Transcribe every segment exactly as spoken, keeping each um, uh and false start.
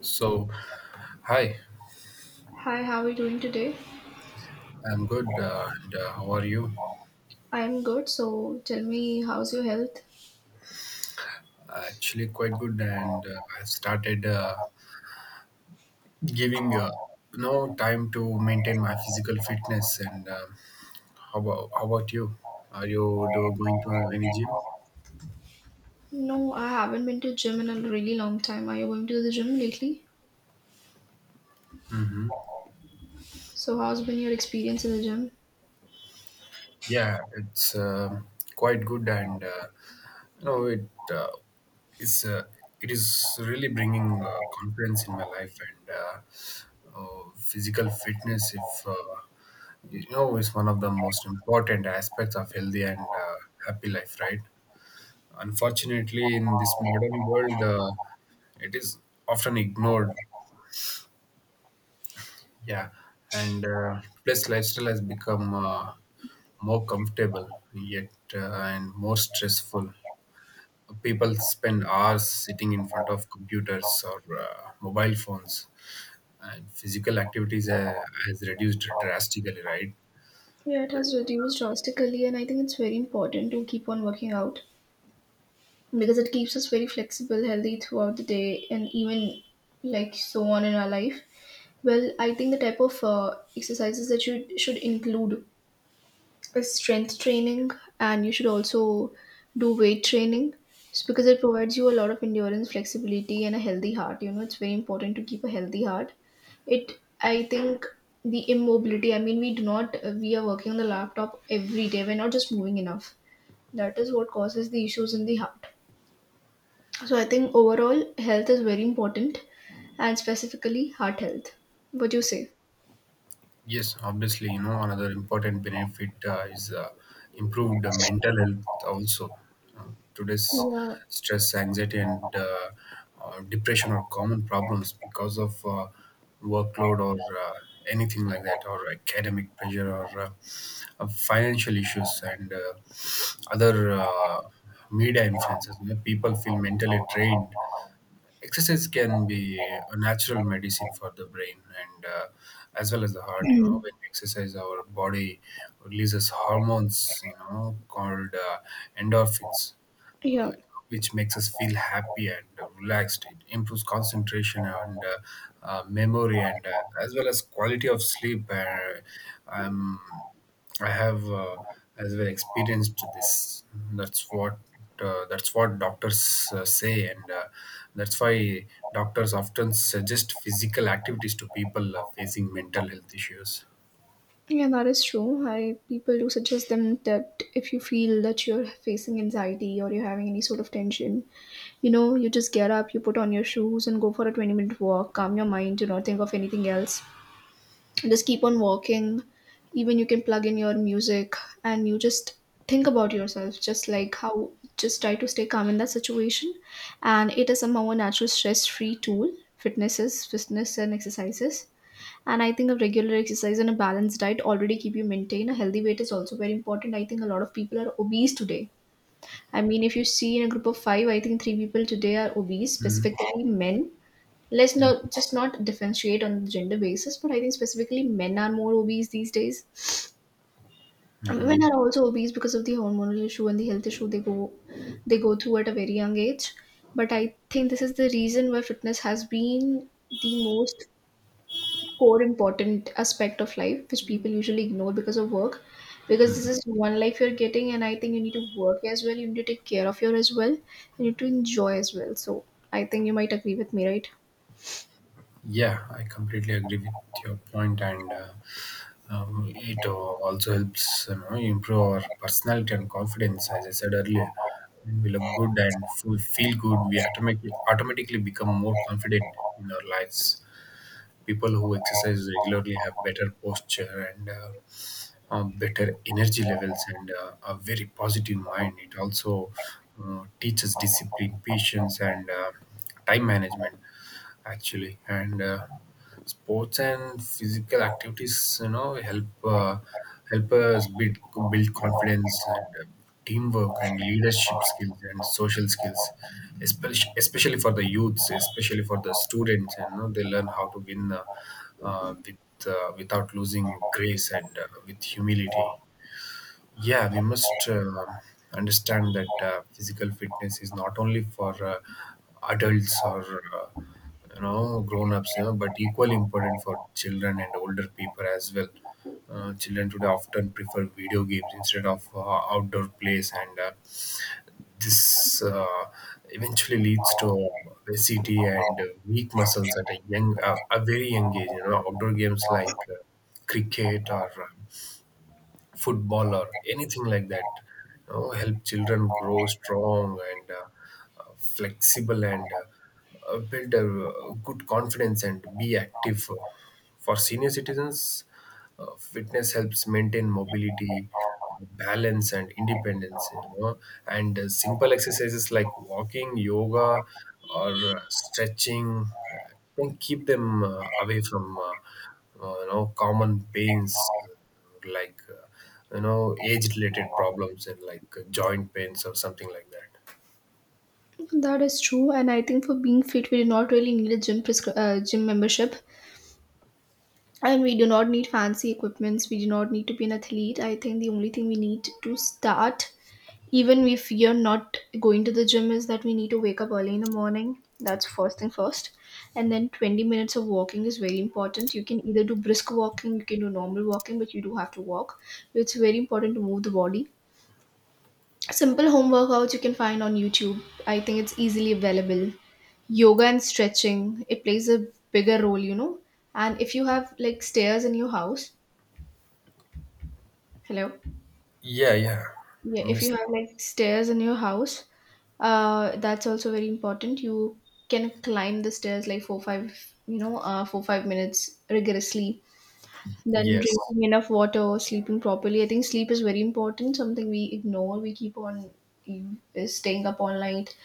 So, hi, Hi, how are you doing today? I'm good. Uh, and, uh, how are you? I am good. So tell me, how's your health? Actually, quite good. And uh, I started uh, giving uh, no time to maintain my physical fitness. And uh, how about how about you? Are you do going to any gym? No, I haven't been to gym in a really long time. Are you going to the gym lately? Mm-hmm. So how's been your experience in the gym? Yeah, it's um quite good, and uh, you know it uh, is uh, it is really bringing uh, confidence in my life and uh, uh, physical fitness. If uh, you know, is one of the most important aspects of healthy and uh, happy life, right? Unfortunately, in this modern world, uh, it is often ignored, yeah, and uh, plus lifestyle has become uh, more comfortable yet uh, and more stressful. People spend hours sitting in front of computers or uh, mobile phones, and physical activities uh, has reduced drastically, right? Yeah, it has reduced drastically, and I think it's very important to keep on working out because it keeps us very flexible, healthy throughout the day, and even like so on in our life. Well, I think the type of uh, exercises that you should include is strength training, and you should also do weight training s- because it provides you a lot of endurance, flexibility, and a healthy heart. You know, it's very important to keep a healthy heart. It I think the immobility, I mean, we do not uh, we are working on the laptop every day, we're not just moving enough. That is what causes the issues in the heart. So I think overall health is very important, and specifically heart health. What do you say? Yes, obviously, you know, another important benefit uh, is uh, improved uh, mental health also. Uh, Today's Yeah. stress, anxiety, and uh, uh, depression are common problems because of uh, workload or uh, anything like that, or academic pressure or uh, uh, financial issues and uh, other uh, media influences. You know, people feel mentally drained. Exercise can be a natural medicine for the brain and uh, as well as the heart. You know, when we exercise, our body releases hormones, you know, called uh, endorphins, uh, Yeah. which makes us feel happy and relaxed. It improves concentration and uh, uh, memory and uh, as well as quality of sleep. uh, um, I have uh, as well experienced this. That's what uh, that's what doctors uh, say, and uh, that's why doctors often suggest physical activities to people uh, facing mental health issues. Yeah, that is true. I people do suggest them that if you feel that you're facing anxiety or you're having any sort of tension, you know, you just get up, you put on your shoes and go for a twenty minute walk, calm your mind, do not think of anything else. Just keep on walking. Even you can plug in your music and you just think about yourself, just like how just try to stay calm in that situation. And it is somehow a natural stress free tool, fitnesses, fitness and exercises. And I think a regular exercise and a balanced diet already keep you maintain. A healthy weight is also very important. I think a lot of people are obese today. I mean, if you see in a group of five, I think three people today are obese, specifically men. Let's not just not differentiate on the gender basis, but I think specifically men are more obese these days. Women Mm-hmm. are also obese because of the hormonal issue and the health issue they go they go through at a very young age. But I think this is the reason why fitness has been the most core important aspect of life which people usually ignore because of work, because this is one life you're getting, and I think you need to work as well, you need to take care of your as well, you need to enjoy as well. So I think you might agree with me, right? Yeah, I completely agree with your point, and uh, um, it uh, also helps, you know, improve our personality and confidence. As I said earlier, when we look good and f- feel good, we automatically automatically become more confident in our lives. People who exercise regularly have better posture and uh, uh, better energy levels and uh, a very positive mind. It also uh, teaches discipline, patience, and uh, time management actually. And uh, sports and physical activities, you know, help uh, help us build, build confidence and uh, teamwork and leadership skills and social skills, especially especially for the youths, especially for the students, and you know, they learn how to win, uh, uh, with uh, without losing grace and uh, with humility, yeah. We must um understand that uh, physical fitness is not only for uh, adults or uh, you know grown-ups, you know, but equally important for children and older people as well. Uh, children today often prefer video games instead of uh, outdoor plays, and uh, this uh, eventually leads to obesity and uh, weak muscles at a young, uh, a very young age. You know, outdoor games like uh, cricket or uh, football or anything like that, you know, help children grow strong and uh, uh, flexible and uh, uh, build a uh, good confidence and be active. For senior citizens, uh, fitness helps maintain mobility, balance, and independence, you know, and uh, simple exercises like walking, yoga, or uh, stretching uh, can keep them uh, away from uh, uh, you know common pains like uh, you know age related problems, and like uh, joint pains or something like that. That is true, and I think for being fit we do not really need a gym prescri- uh, gym membership, and we do not need fancy equipments, we do not need to be an athlete. I think the only thing we need to start, even if you're not going to the gym, is that we need to wake up early in the morning. That's first thing first. And then twenty minutes of walking is very important. You can either do brisk walking, you can do normal walking, but you do have to walk. So it's very important to move the body. Simple home workouts you can find on YouTube, I think it's easily available. Yoga and stretching, it plays a bigger role, you know. And if you have like stairs in your house, hello. Yeah, yeah. Yeah, I'm if you listening. have like stairs in your house, uh, that's also very important. You can climb the stairs like four, five, you know, uh, four, five minutes rigorously. Then Yes. drinking enough water, sleeping properly. I think sleep is very important. Something we ignore. We keep on you- staying up all night,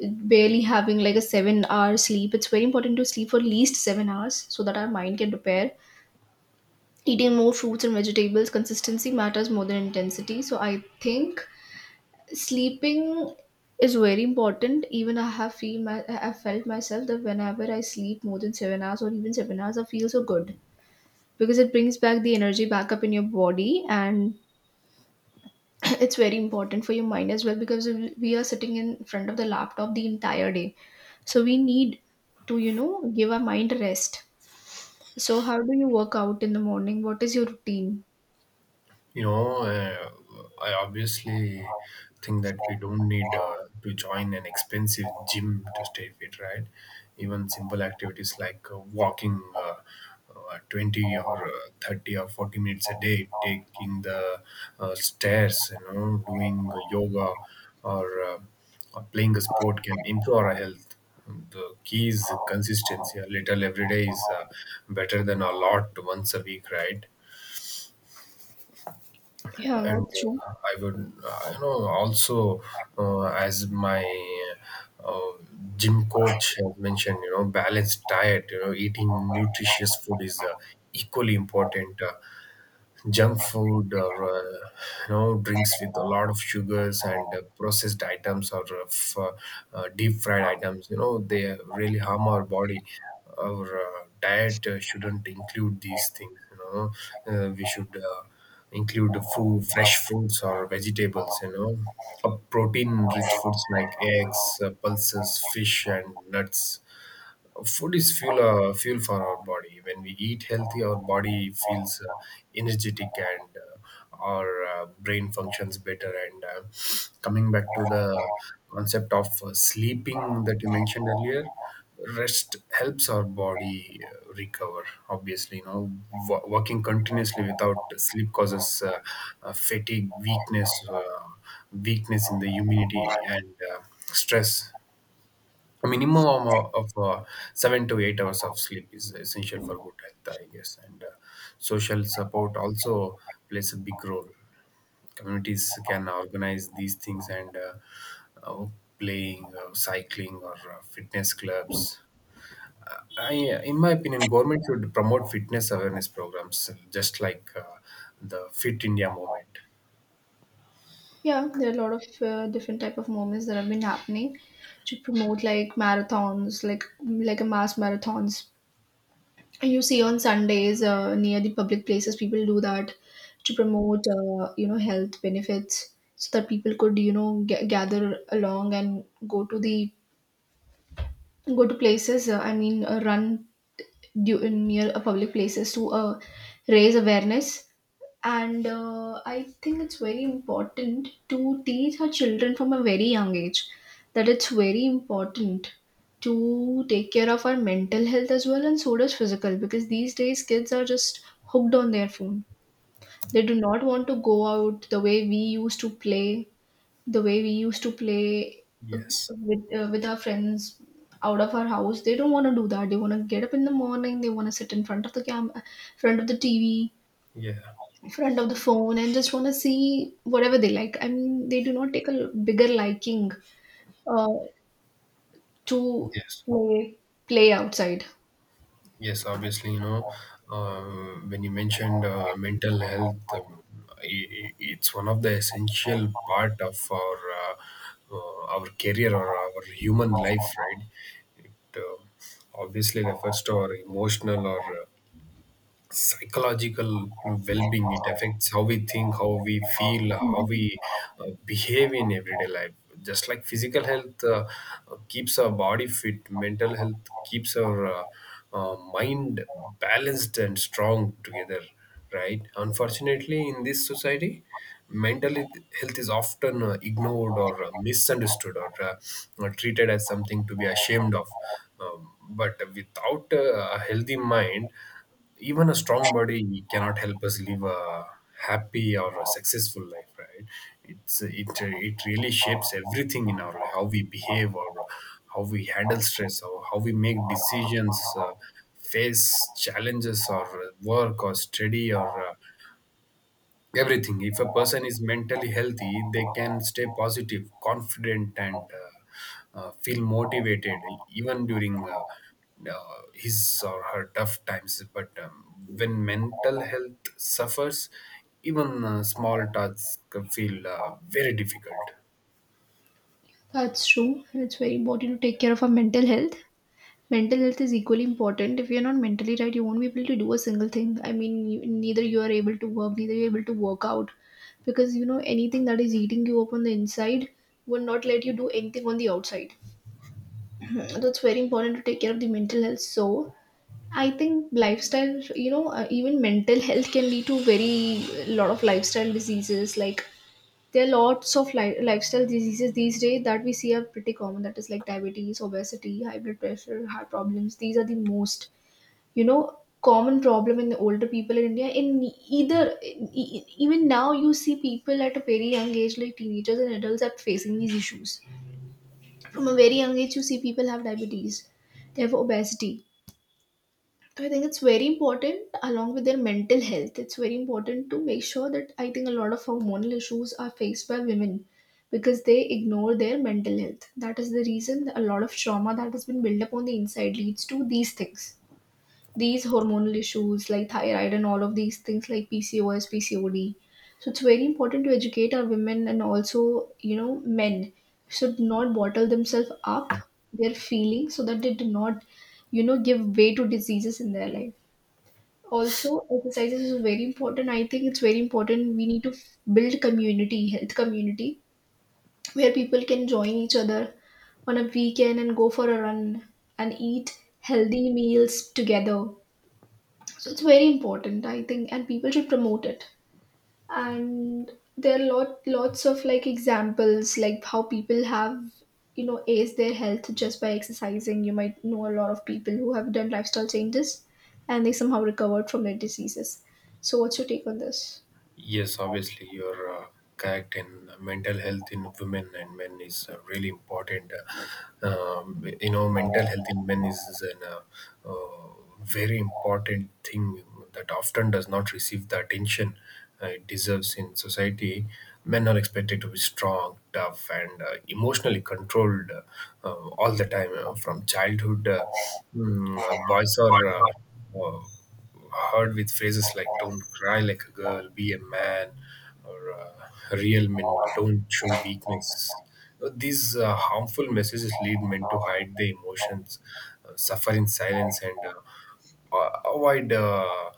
barely having like a seven hour sleep. It's very important to sleep for at least seven hours so that our mind can prepare. Eating more fruits and vegetables. Consistency matters more than intensity. So I think sleeping is very important. Even I have feel my I have felt myself that whenever I sleep more than seven hours or even seven hours, I feel so good because it brings back the energy back up in your body. And it's very important for your mind as well because we we are sitting in front of the laptop the entire day. So we need to, you know, give our mind rest. So how do you work out in the morning? What is your routine? You know, uh, I obviously think that we don't need uh, to join an expensive gym to stay fit, right? Even simple activities like uh, walking uh, uh, twenty or uh, thirty or forty minutes a day, taking the uh, stairs, you know, doing yoga or, uh, or playing a sport can improve our health. The key is consistency. A little every day is uh, better than a lot once a week, right? Yeah, and that's true. uh, I would, uh, you know, also, uh, as my uh, gym coach has mentioned, you know, balanced diet, you know, eating nutritious food is uh, equally important. Uh, junk food or uh, you know drinks with a lot of sugars and uh, processed items or uh, f- uh, uh, deep fried items, you know, they really harm our body. Our uh, diet uh, shouldn't include these things, you know. Uh, we should uh, include the fruit fresh fruits or vegetables, you know, protein rich foods like eggs, uh, pulses, fish, and nuts. Food is fuel, uh, fuel for our body. When we eat healthy, our body feels uh, energetic and uh, our uh, brain functions better. And uh, coming back to the concept of uh, sleeping that you mentioned earlier, rest helps our body uh, recover. Obviously, you know, wo- working continuously without sleep causes uh, uh, fatigue, weakness, uh, weakness in the immunity, and uh, stress. A minimum of, of uh, seven to eight hours of sleep is essential for good health, I guess. And uh, social support also plays a big role. Communities can organize these things, and uh, uh, playing, uh, cycling, or uh, fitness clubs. I, in my opinion, government should promote fitness awareness programs, just like uh, the Fit India movement. Yeah, there are a lot of uh, different type of moments that have been happening to promote like marathons, like like a mass marathons. You see on Sundays uh, near the public places, people do that to promote uh, you know health benefits, so that people could you know g- gather along and go to the go to places. Uh, I mean, uh, run du- near uh, public places to uh, raise awareness. And uh, I think it's very important to teach our children from a very young age that it's very important to take care of our mental health as well, and so does physical, because these days kids are just hooked on their phone. They do not want to go out the way we used to play the way we used to play uh, Yes. with uh, with our friends out of our house. They don't want to do that. They want to get up in the morning, they want to sit in front of the cam, front of the TV, Yeah. front of the phone and just want to see whatever they like. I mean, they do not take a bigger liking uh, to Yes. play, play outside. Yes, obviously, you know, uh, when you mentioned uh, mental health, um, i- i- it's one of the essential part of our uh, uh, our career or our human life, right? It uh, obviously refers to our emotional or uh, psychological well-being. It affects how we think, how we feel, how Mhm. we uh, behave in everyday life. Just like physical health uh, keeps our body fit, mental health keeps our uh, uh, mind balanced and strong together, right? Unfortunately, in this society, mental health health is often uh, ignored, or uh, misunderstood, or uh, or treated as something to be ashamed of. Um, but without uh, a healthy mind, even a strong body cannot help us live a happy or a successful life, right? It's it it really shapes everything in our life: how we behave, or how we handle stress, or how we make decisions, uh, face challenges, or uh, work or study or uh, everything. If a person is mentally healthy, they can stay positive, confident, and uh, uh, feel motivated even during uh, uh, his or her tough times. But um, when mental health suffers, even uh, small tasks feel uh, very difficult. That's true. And it's very important to take care of our mental health. Mental health is equally important. If you're not mentally right, you won't be able to do a single thing. I mean, you, neither you are able to work, neither you're able to work out. Because, you know, anything that is eating you up on the inside will not let you do anything on the outside. Mhm. So it's very important to take care of the mental health. So, I think lifestyle, you know, uh, even mental health can lead to very uh, lot of lifestyle diseases. Like there are lots of li- lifestyle diseases these days that we see are pretty common. That is like diabetes, obesity, high blood pressure, heart problems. These are the most, you know, common problem in the older people in India. In either, in, e- even now, you see people at a very young age, like teenagers and adults, are facing these issues. From a very young age, you see people have diabetes, they have obesity. I think it's very important along with their mental health. It's very important to make sure that I think a lot of hormonal issues are faced by women because they ignore their mental health. That is the reason that a lot of trauma that has been built up on the inside leads to these things. These hormonal issues like thyroid and all of these things like P C O S, P C O D. So it's very important to educate our women, and also, you know, men should not bottle themselves up their feelings so that they do not, you know, give way to diseases in their life. Also exercises is very important. I think it's very important we need to f- build community health community where people can join each other on a weekend and go for a run and eat healthy meals together. So it's very important, I think, and people should promote it. And there are lot lots of like examples like how people have, you know, aced their health just by exercising. You might know a lot of people who have done lifestyle changes and they somehow recovered from their diseases. So what's your take on this? Yes, obviously, you're uh, correct. And mental health in women and men is uh, really important. Uh, Um, you know, mental health in men is, is an, uh, uh, very important thing that often does not receive the attention uh, it deserves in society. Men are expected to be strong, tough, and uh, emotionally controlled uh, uh, all the time, uh, from childhood. Uh, mm, uh, boys are. Uh, uh, heard with phrases like "Don't cry like a girl," "Be a man," or uh, "Real men don't show weakness." Uh, These uh, harmful messages lead men to hide their emotions, uh, suffer in silence, and uh, uh, avoid uh,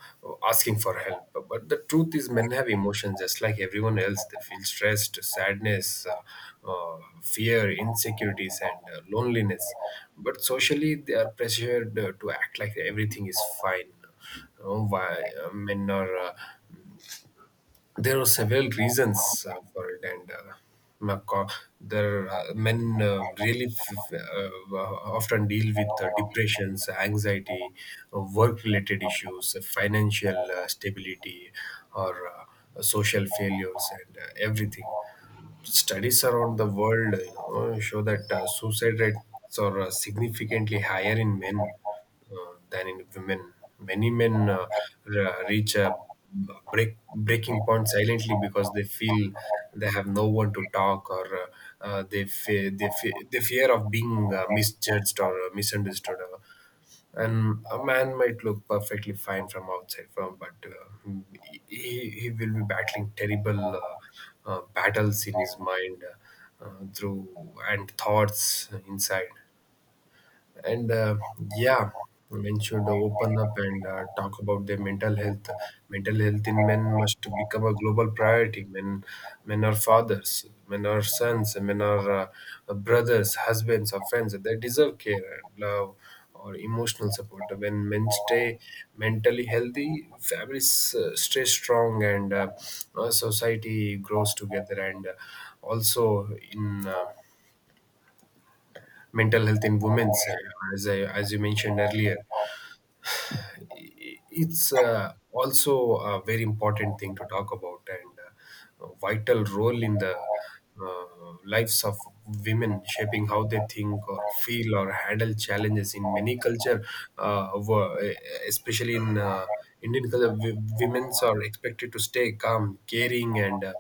asking for help. But the truth is, men have emotions just like everyone else. They feel stressed, sadness, uh, uh, fear, insecurities, and uh, loneliness. But socially, they are pressured uh, to act like everything is fine. Oh, why? I mean, or, uh, there are several reasons uh, for it, and uh, my co- there uh, men uh, really f- uh, often deal with uh, depressions, anxiety, uh, work-related issues, uh, financial uh, stability, or uh, social failures, and uh, everything. Studies around the world, you know, show that uh, suicide rates are uh, significantly higher in men uh, than in women. Many men uh, re- reach a break, breaking point silently because they feel they have no one to talk, or uh, uh, they fe- they fe- they fear of being uh, misjudged or uh, misunderstood. Uh, and a man might look perfectly fine from outside from but uh, he, he will be battling terrible uh, uh, battles in his mind, uh, uh, through and thoughts inside, and uh, yeah. Men should open up and uh, talk about their mental health. Mental health in men must become a global priority. Men men are fathers, men are sons, men are uh, brothers, husbands, or friends. They deserve care and love or emotional support. When men stay mentally healthy, families uh, stay strong, and uh, uh, society grows together. And uh, also, in uh, mental health in women, as I, as you mentioned earlier, it's uh, also a very important thing to talk about, and uh, a vital role in the uh, lives of women, shaping how they think or feel or handle challenges in many culture, uh, wo- especially in uh, Indian culture, w- women's are expected to stay calm, caring, and uh,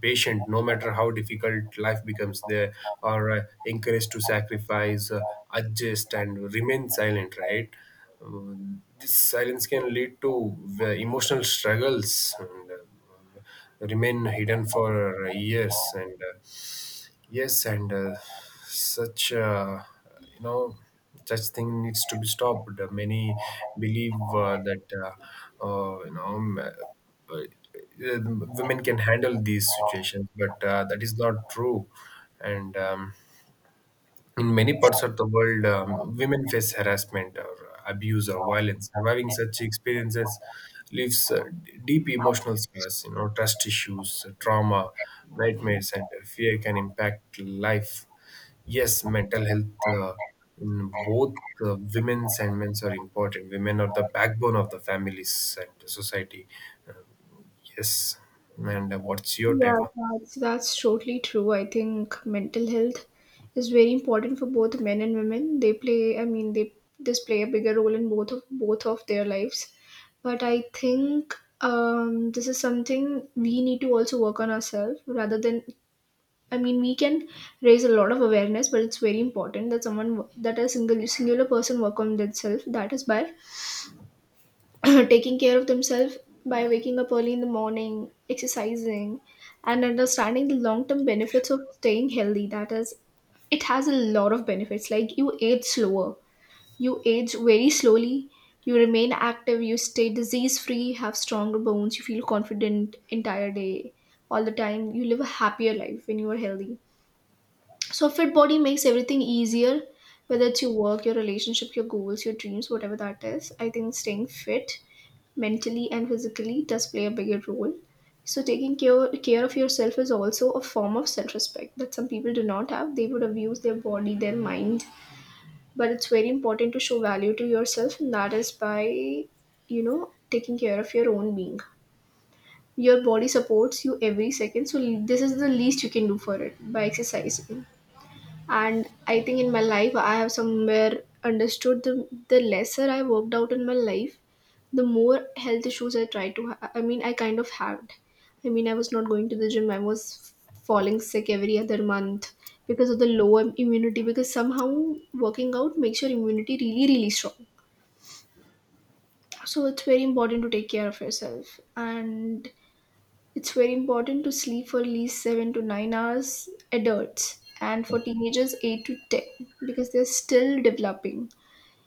patient, no matter how difficult life becomes. They are uh, encouraged to sacrifice, uh, adjust, and remain silent, right? Um, this silence can lead to uh, emotional struggles and uh, remain hidden for years. And uh, Yes, and uh, such uh, you know such thing needs to be stopped. Uh, Many believe uh, that uh, uh, you know m- uh, uh, women can handle these situations, but uh, that is not true. And um, In many parts of the world, um, women face harassment or abuse or violence. Surviving such experiences leaves uh, d- deep emotional scars, you know, trust issues, trauma, nightmares, and uh, fear can impact life. Yes, mental health uh, in both uh, women's and men's are important. Women are the backbone of the families and the society. Yes, and uh, what's your Yeah, take on? that's that's totally true. I think mental health is very important for both men and women. They play, I mean, they this play a bigger role in both of both of their lives. But I think um, this is something we need to also work on ourselves rather than. I mean, we can raise a lot of awareness, but it's very important that someone that a single singular person work on themselves. That is by taking care of themselves by waking up early in the morning, exercising, and understanding the long term benefits of staying healthy. That is, it has a lot of benefits. Like you age slower, you age very slowly, you remain active, you stay disease free, have stronger bones, you feel confident entire day, all the time. You live a happier life when you are healthy. So, a fit body makes everything easier, whether it's your work, your relationship, your goals, your dreams, whatever that is. I think staying fit mentally and physically does play a bigger role. So, taking care, care of yourself is also a form of self respect that some people do not have. They would abuse their body, their mind. But it's very important to show value to yourself, and that is by, you know, taking care of your own being. Your body supports you every second, so this is the least you can do for it by exercising. And I think in my life I have somewhere understood the, the lesser I worked out in my life, the more health issues I tried to ha- I mean I kind of had. i mean I was not going to the gym, I was f- falling sick every other month because of the low im- immunity, because somehow working out makes your immunity really really strong. So it's very important to take care of yourself, and it's very important to sleep for at least seven to nine hours, adults, and for teenagers eight to ten, because they're still developing.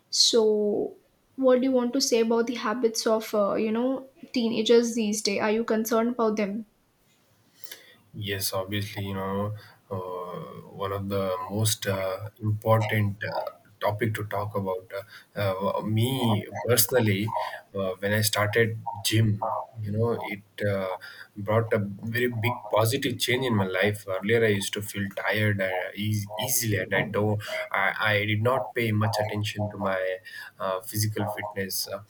So what do you want to say about the habits of uh, you know teenagers these days? Are you concerned about them? Yes, obviously, you know, uh, one of the most uh, important uh, topic to talk about. Uh, uh, me personally, uh, when I started gym, you know, it uh, brought a very big positive change in my life. Earlier, I used to feel tired uh, eas easily, and I don't, I, I did not pay much attention to my uh, physical fitness. Uh,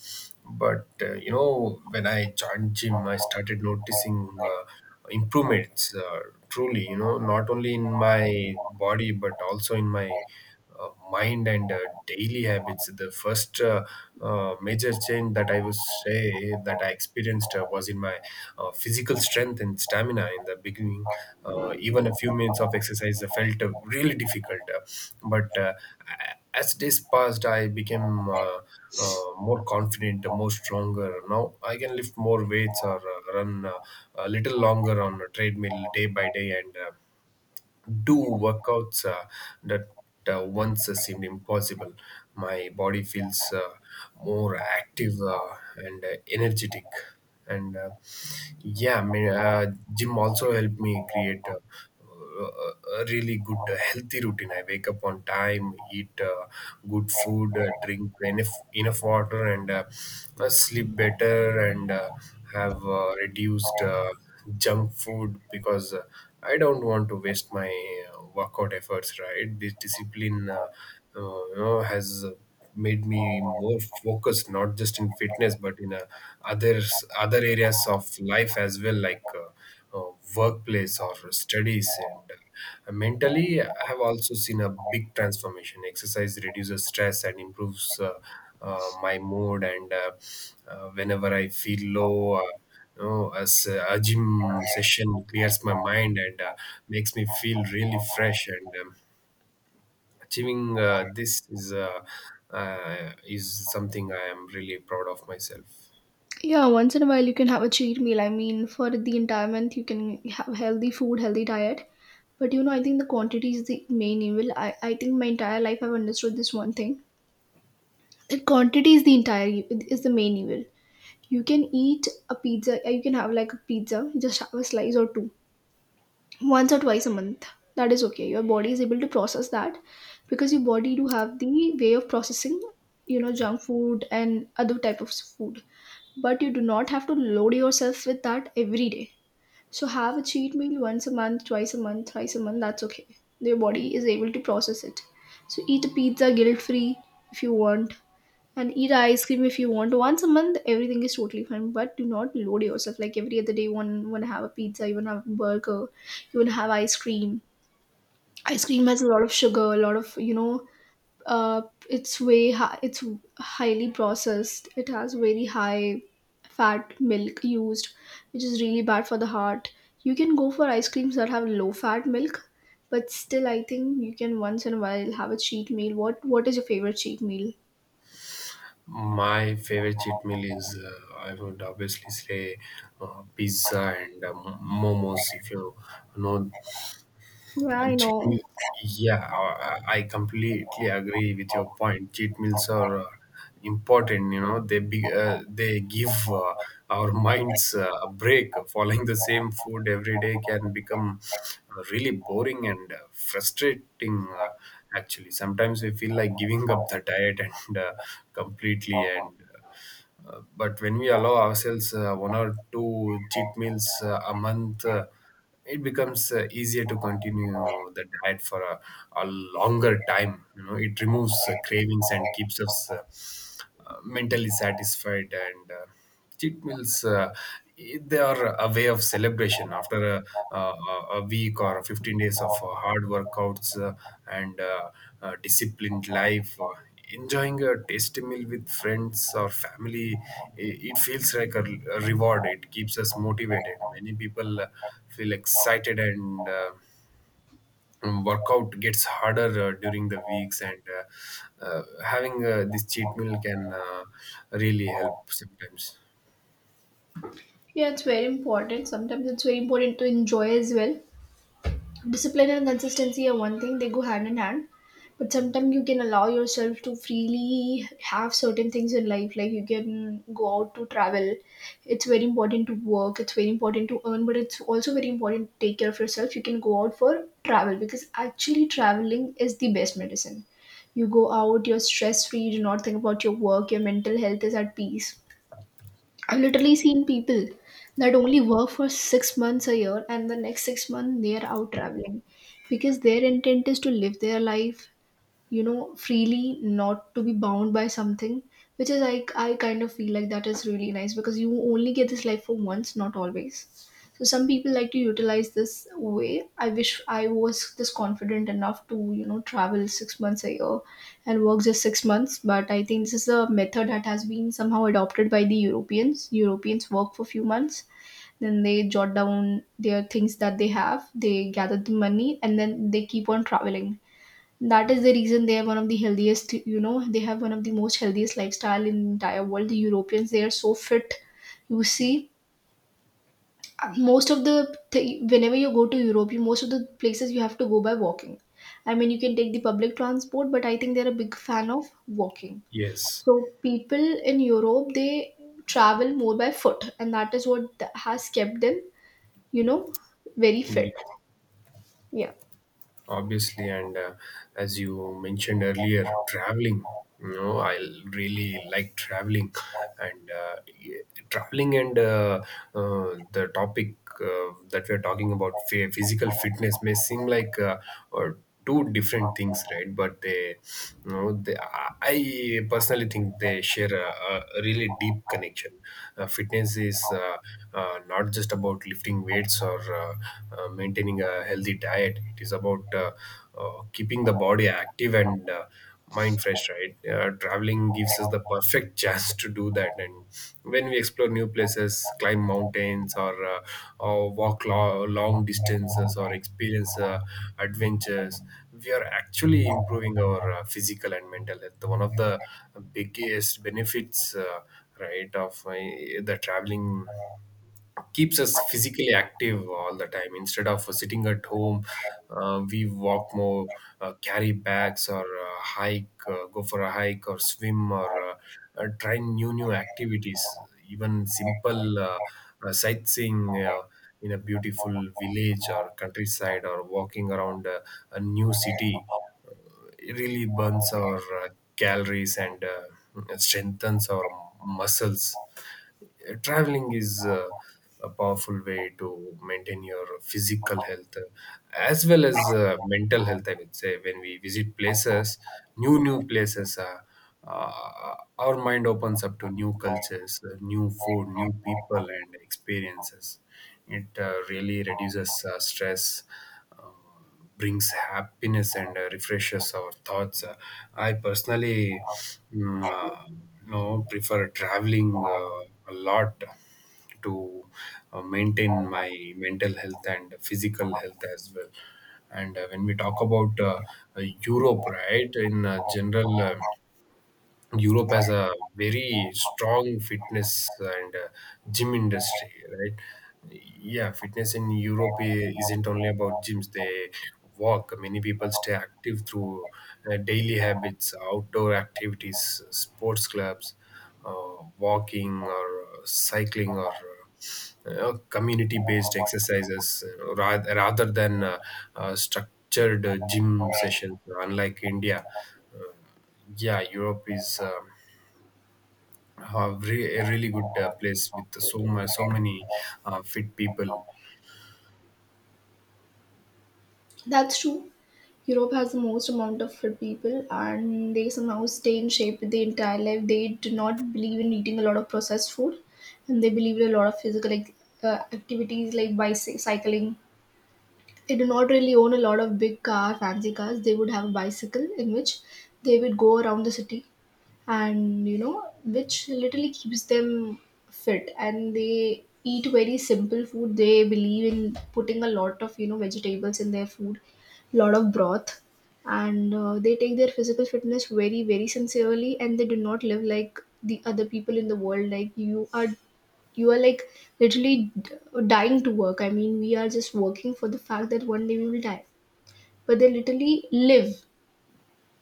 but uh, you know, when I joined gym, I started noticing Uh, improvements uh, truly, you know, not only in my body but also in my uh, mind and uh, daily habits. The first uh, uh, major change that I would say that I experienced uh, was in my uh, physical strength and stamina. In the beginning, uh, even a few minutes of exercise uh, felt uh, really difficult, uh, but uh, a- as days passed, I became uh, uh, more confident, more stronger. Now I can lift more weights or uh, run uh, a little longer on a treadmill day by day and. Uh, do workouts uh, that uh, once uh, seemed impossible. My body feels uh, more active uh, and uh, energetic. And uh, yeah, I mean, uh, gym also helped me create uh, a, a really good uh, healthy routine. I wake up on time, eat uh, good food, uh, drink enough enough water, and uh, uh, sleep better, and uh, have uh, reduced Uh, junk food because uh, I don't want to waste my uh, workout efforts, right? This discipline uh, uh, you know, has uh, made me more focused, not just in fitness, but in uh, others, other areas of life as well, like uh, uh, workplace or studies. And uh, mentally, I have also seen a big transformation. Exercise reduces stress and improves uh, uh, my mood, and uh, uh, whenever I feel low, uh, you know, as a a gym session clears my mind and uh, makes me feel really fresh. And um, achieving uh, this is uh, uh, is something I am really proud of myself. Yeah, once in a while you can have a cheat meal. I mean, for the entire month you can have healthy food, healthy diet. But you know, I think the quantity is the main evil. I, I think my entire life I've understood this one thing. That quantity is the entire e- is the main evil. You can eat a pizza, yeah, you can have like a pizza, just have a slice or two, once or twice a month. That is okay. Your body is able to process that because your body do have the way of processing, you know, junk food and other type of food. But you do not have to load yourself with that every day. So have a cheat meal once a month, twice a month, thrice a month. That's okay. Your body is able to process it. So eat a pizza guilt free if you want, and eat ice cream if you want once a month. Everything is totally fine, but do not load yourself like every other day. One want to have a pizza, you want to have a burger, you want to have ice cream. Ice cream has a lot of sugar, a lot of, you know, uh, it's way high, it's highly processed, it has very high fat milk used, which is really bad for the heart. You can go for ice creams that have low fat milk, but still I think you can once in a while have a cheat meal. What what is your favorite cheat meal? My favorite cheat meal is, uh, I would obviously say, uh, pizza and um, momos. If you know. Yeah, I know. Cheat-, yeah, I I completely agree with your point. Cheat meals are uh, important. You know, they be, uh, they give uh, our minds uh, a break. Following the same food every day can become uh, really boring and uh, frustrating. Uh, Actually, sometimes we feel like giving up the diet and uh, completely and. Uh, uh, but when we allow ourselves uh, one or two cheat meals uh, a month, uh, it becomes uh, easier to continue the diet for a, a longer time. You know, it removes uh, cravings and keeps us uh, uh, mentally satisfied. And uh, cheat meals, uh, they are a way of celebration after a, a, a week or fifteen days of uh, hard workouts uh, and uh, uh, disciplined life, uh, enjoying a tasty meal with friends or family. It, it feels like a, a reward. It keeps us motivated. Many people uh, feel excited, and uh, um, workout gets harder uh, during the weeks, and uh, uh, having uh, this cheat meal can uh, really help sometimes. Yeah, it's very important. Sometimes it's very important to enjoy as well. Discipline and consistency are one thing, they go hand in hand. But sometimes you can allow yourself to freely have certain things in life, like you can go out to travel. It's very important to work, it's very important to earn, but it's also very important to take care of yourself. You can go out for travel, because actually traveling is the best medicine. You go out, you're stress free, you do not think about your work, your mental health is at peace. I've literally seen people that only work for six months a year, and the next six months they are out traveling, because their intent is to live their life, you know, freely, not to be bound by something. Which is like, I kind of feel like that is really nice, because you only get this life for once, not always. So some people like to utilize this way. I wish I was this confident enough to, you know, travel six months a year and work just six months. But I think this is a method that has been somehow adopted by the Europeans. Europeans work for few months, then they jot down their things that they have, they gather the money, and then they keep on traveling. That is the reason they are one of the healthiest, you know, they have one of the most healthiest lifestyle in entire world. The Europeans, they are so fit. You see, most of the, th- whenever you go to Europe, you, most of the places you have to go by walking. I mean, you can take the public transport, but I think they're a big fan of walking. Yes. So people in Europe, they travel more by foot, and that is what th- has kept them, you know, very fit. Yes, Yeah. obviously, and uh, as you mentioned earlier, traveling, you know, I really like traveling, and uh, y- traveling and uh, uh, the topic uh, that we're talking about, phy- physical fitness, may seem like uh, or two different things, right? But they you know they I I personally think they share a, a really deep connection. Uh, fitness is uh, uh, not just about lifting weights or uh, uh, maintaining a healthy diet. It is about uh, uh, keeping the body active and uh, mind fresh, right? Uh, traveling gives us the perfect chance to do that, and when we explore new places, climb mountains, or uh, or walk lo- long distances, or experience uh, adventures, we are actually improving our uh, physical and mental health. One of the biggest benefits, uh, right, of uh, the traveling, keeps us physically active all the time. Instead of sitting at home, uh, we walk more, uh, carry bags, or uh, hike, uh, go for a hike, or swim, or uh, uh, try new new activities. Even simple uh, uh, sightseeing uh, in a beautiful village or countryside, or walking around uh, a new city, uh, it really burns our uh, calories and uh, strengthens our muscles. Traveling is uh, a powerful way to maintain your physical health, uh, as well as uh, mental health, I would say. When we visit places new new places, uh, uh, our mind opens up to new cultures, uh, new food, new people, and experiences. It uh, really reduces uh, stress, um, brings happiness, and uh, refreshes our thoughts. Uh, I personally mm, uh, you know, prefer traveling uh, a lot to uh, maintain my mental health and physical health as well. And uh, when we talk about uh, uh, Europe, right, in uh, general, uh, Europe has a very strong fitness and uh, gym industry, right? Yeah, fitness in Europe i- isn't only about gyms. They walk. Many people stay active through uh, daily habits, outdoor activities, sports clubs, uh, walking, or uh, cycling, or uh, uh, community-based exercises, uh, rath- rather than uh, uh, structured uh, gym sessions. Unlike India. Uh, yeah, Europe is um, a, re- a really good uh, place with so much so many uh, fit people. That's true. Europe has the most amount of fit people, and they somehow stay in shape their entire life. They do not believe in eating a lot of processed food, and they believe in a lot of physical, like, uh, activities like bicycling. They do not really own a lot of big car, fancy cars. They would have a bicycle in which they would go around the city, and you know, which literally keeps them fit. And they eat very simple food, they believe in putting a lot of, you know, vegetables in their food, lot of broth. And uh, they take their physical fitness very very sincerely, and they do not live like the other people in the world. Like you are, you are like literally d- dying to work. I mean, we are just working for the fact that one day we will die, but they literally live.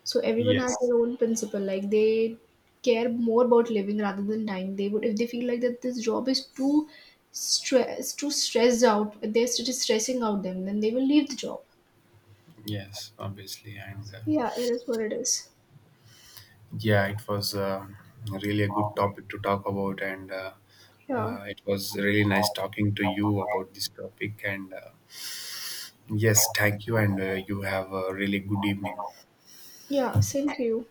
So everyone has Yes. their own principle. Like they care more about living rather than dying. They would, if they feel like that this job is too stress too stressed out, They're it is stressing out them, then they will leave the job. Yes, obviously, and uh, Yeah, it is what it is. yeah, it was uh, really a good topic to talk about, and uh, Yeah. uh, it was really nice talking to you about this topic. And uh, yes, thank you, and uh, you have a really good evening. Yeah, same to you.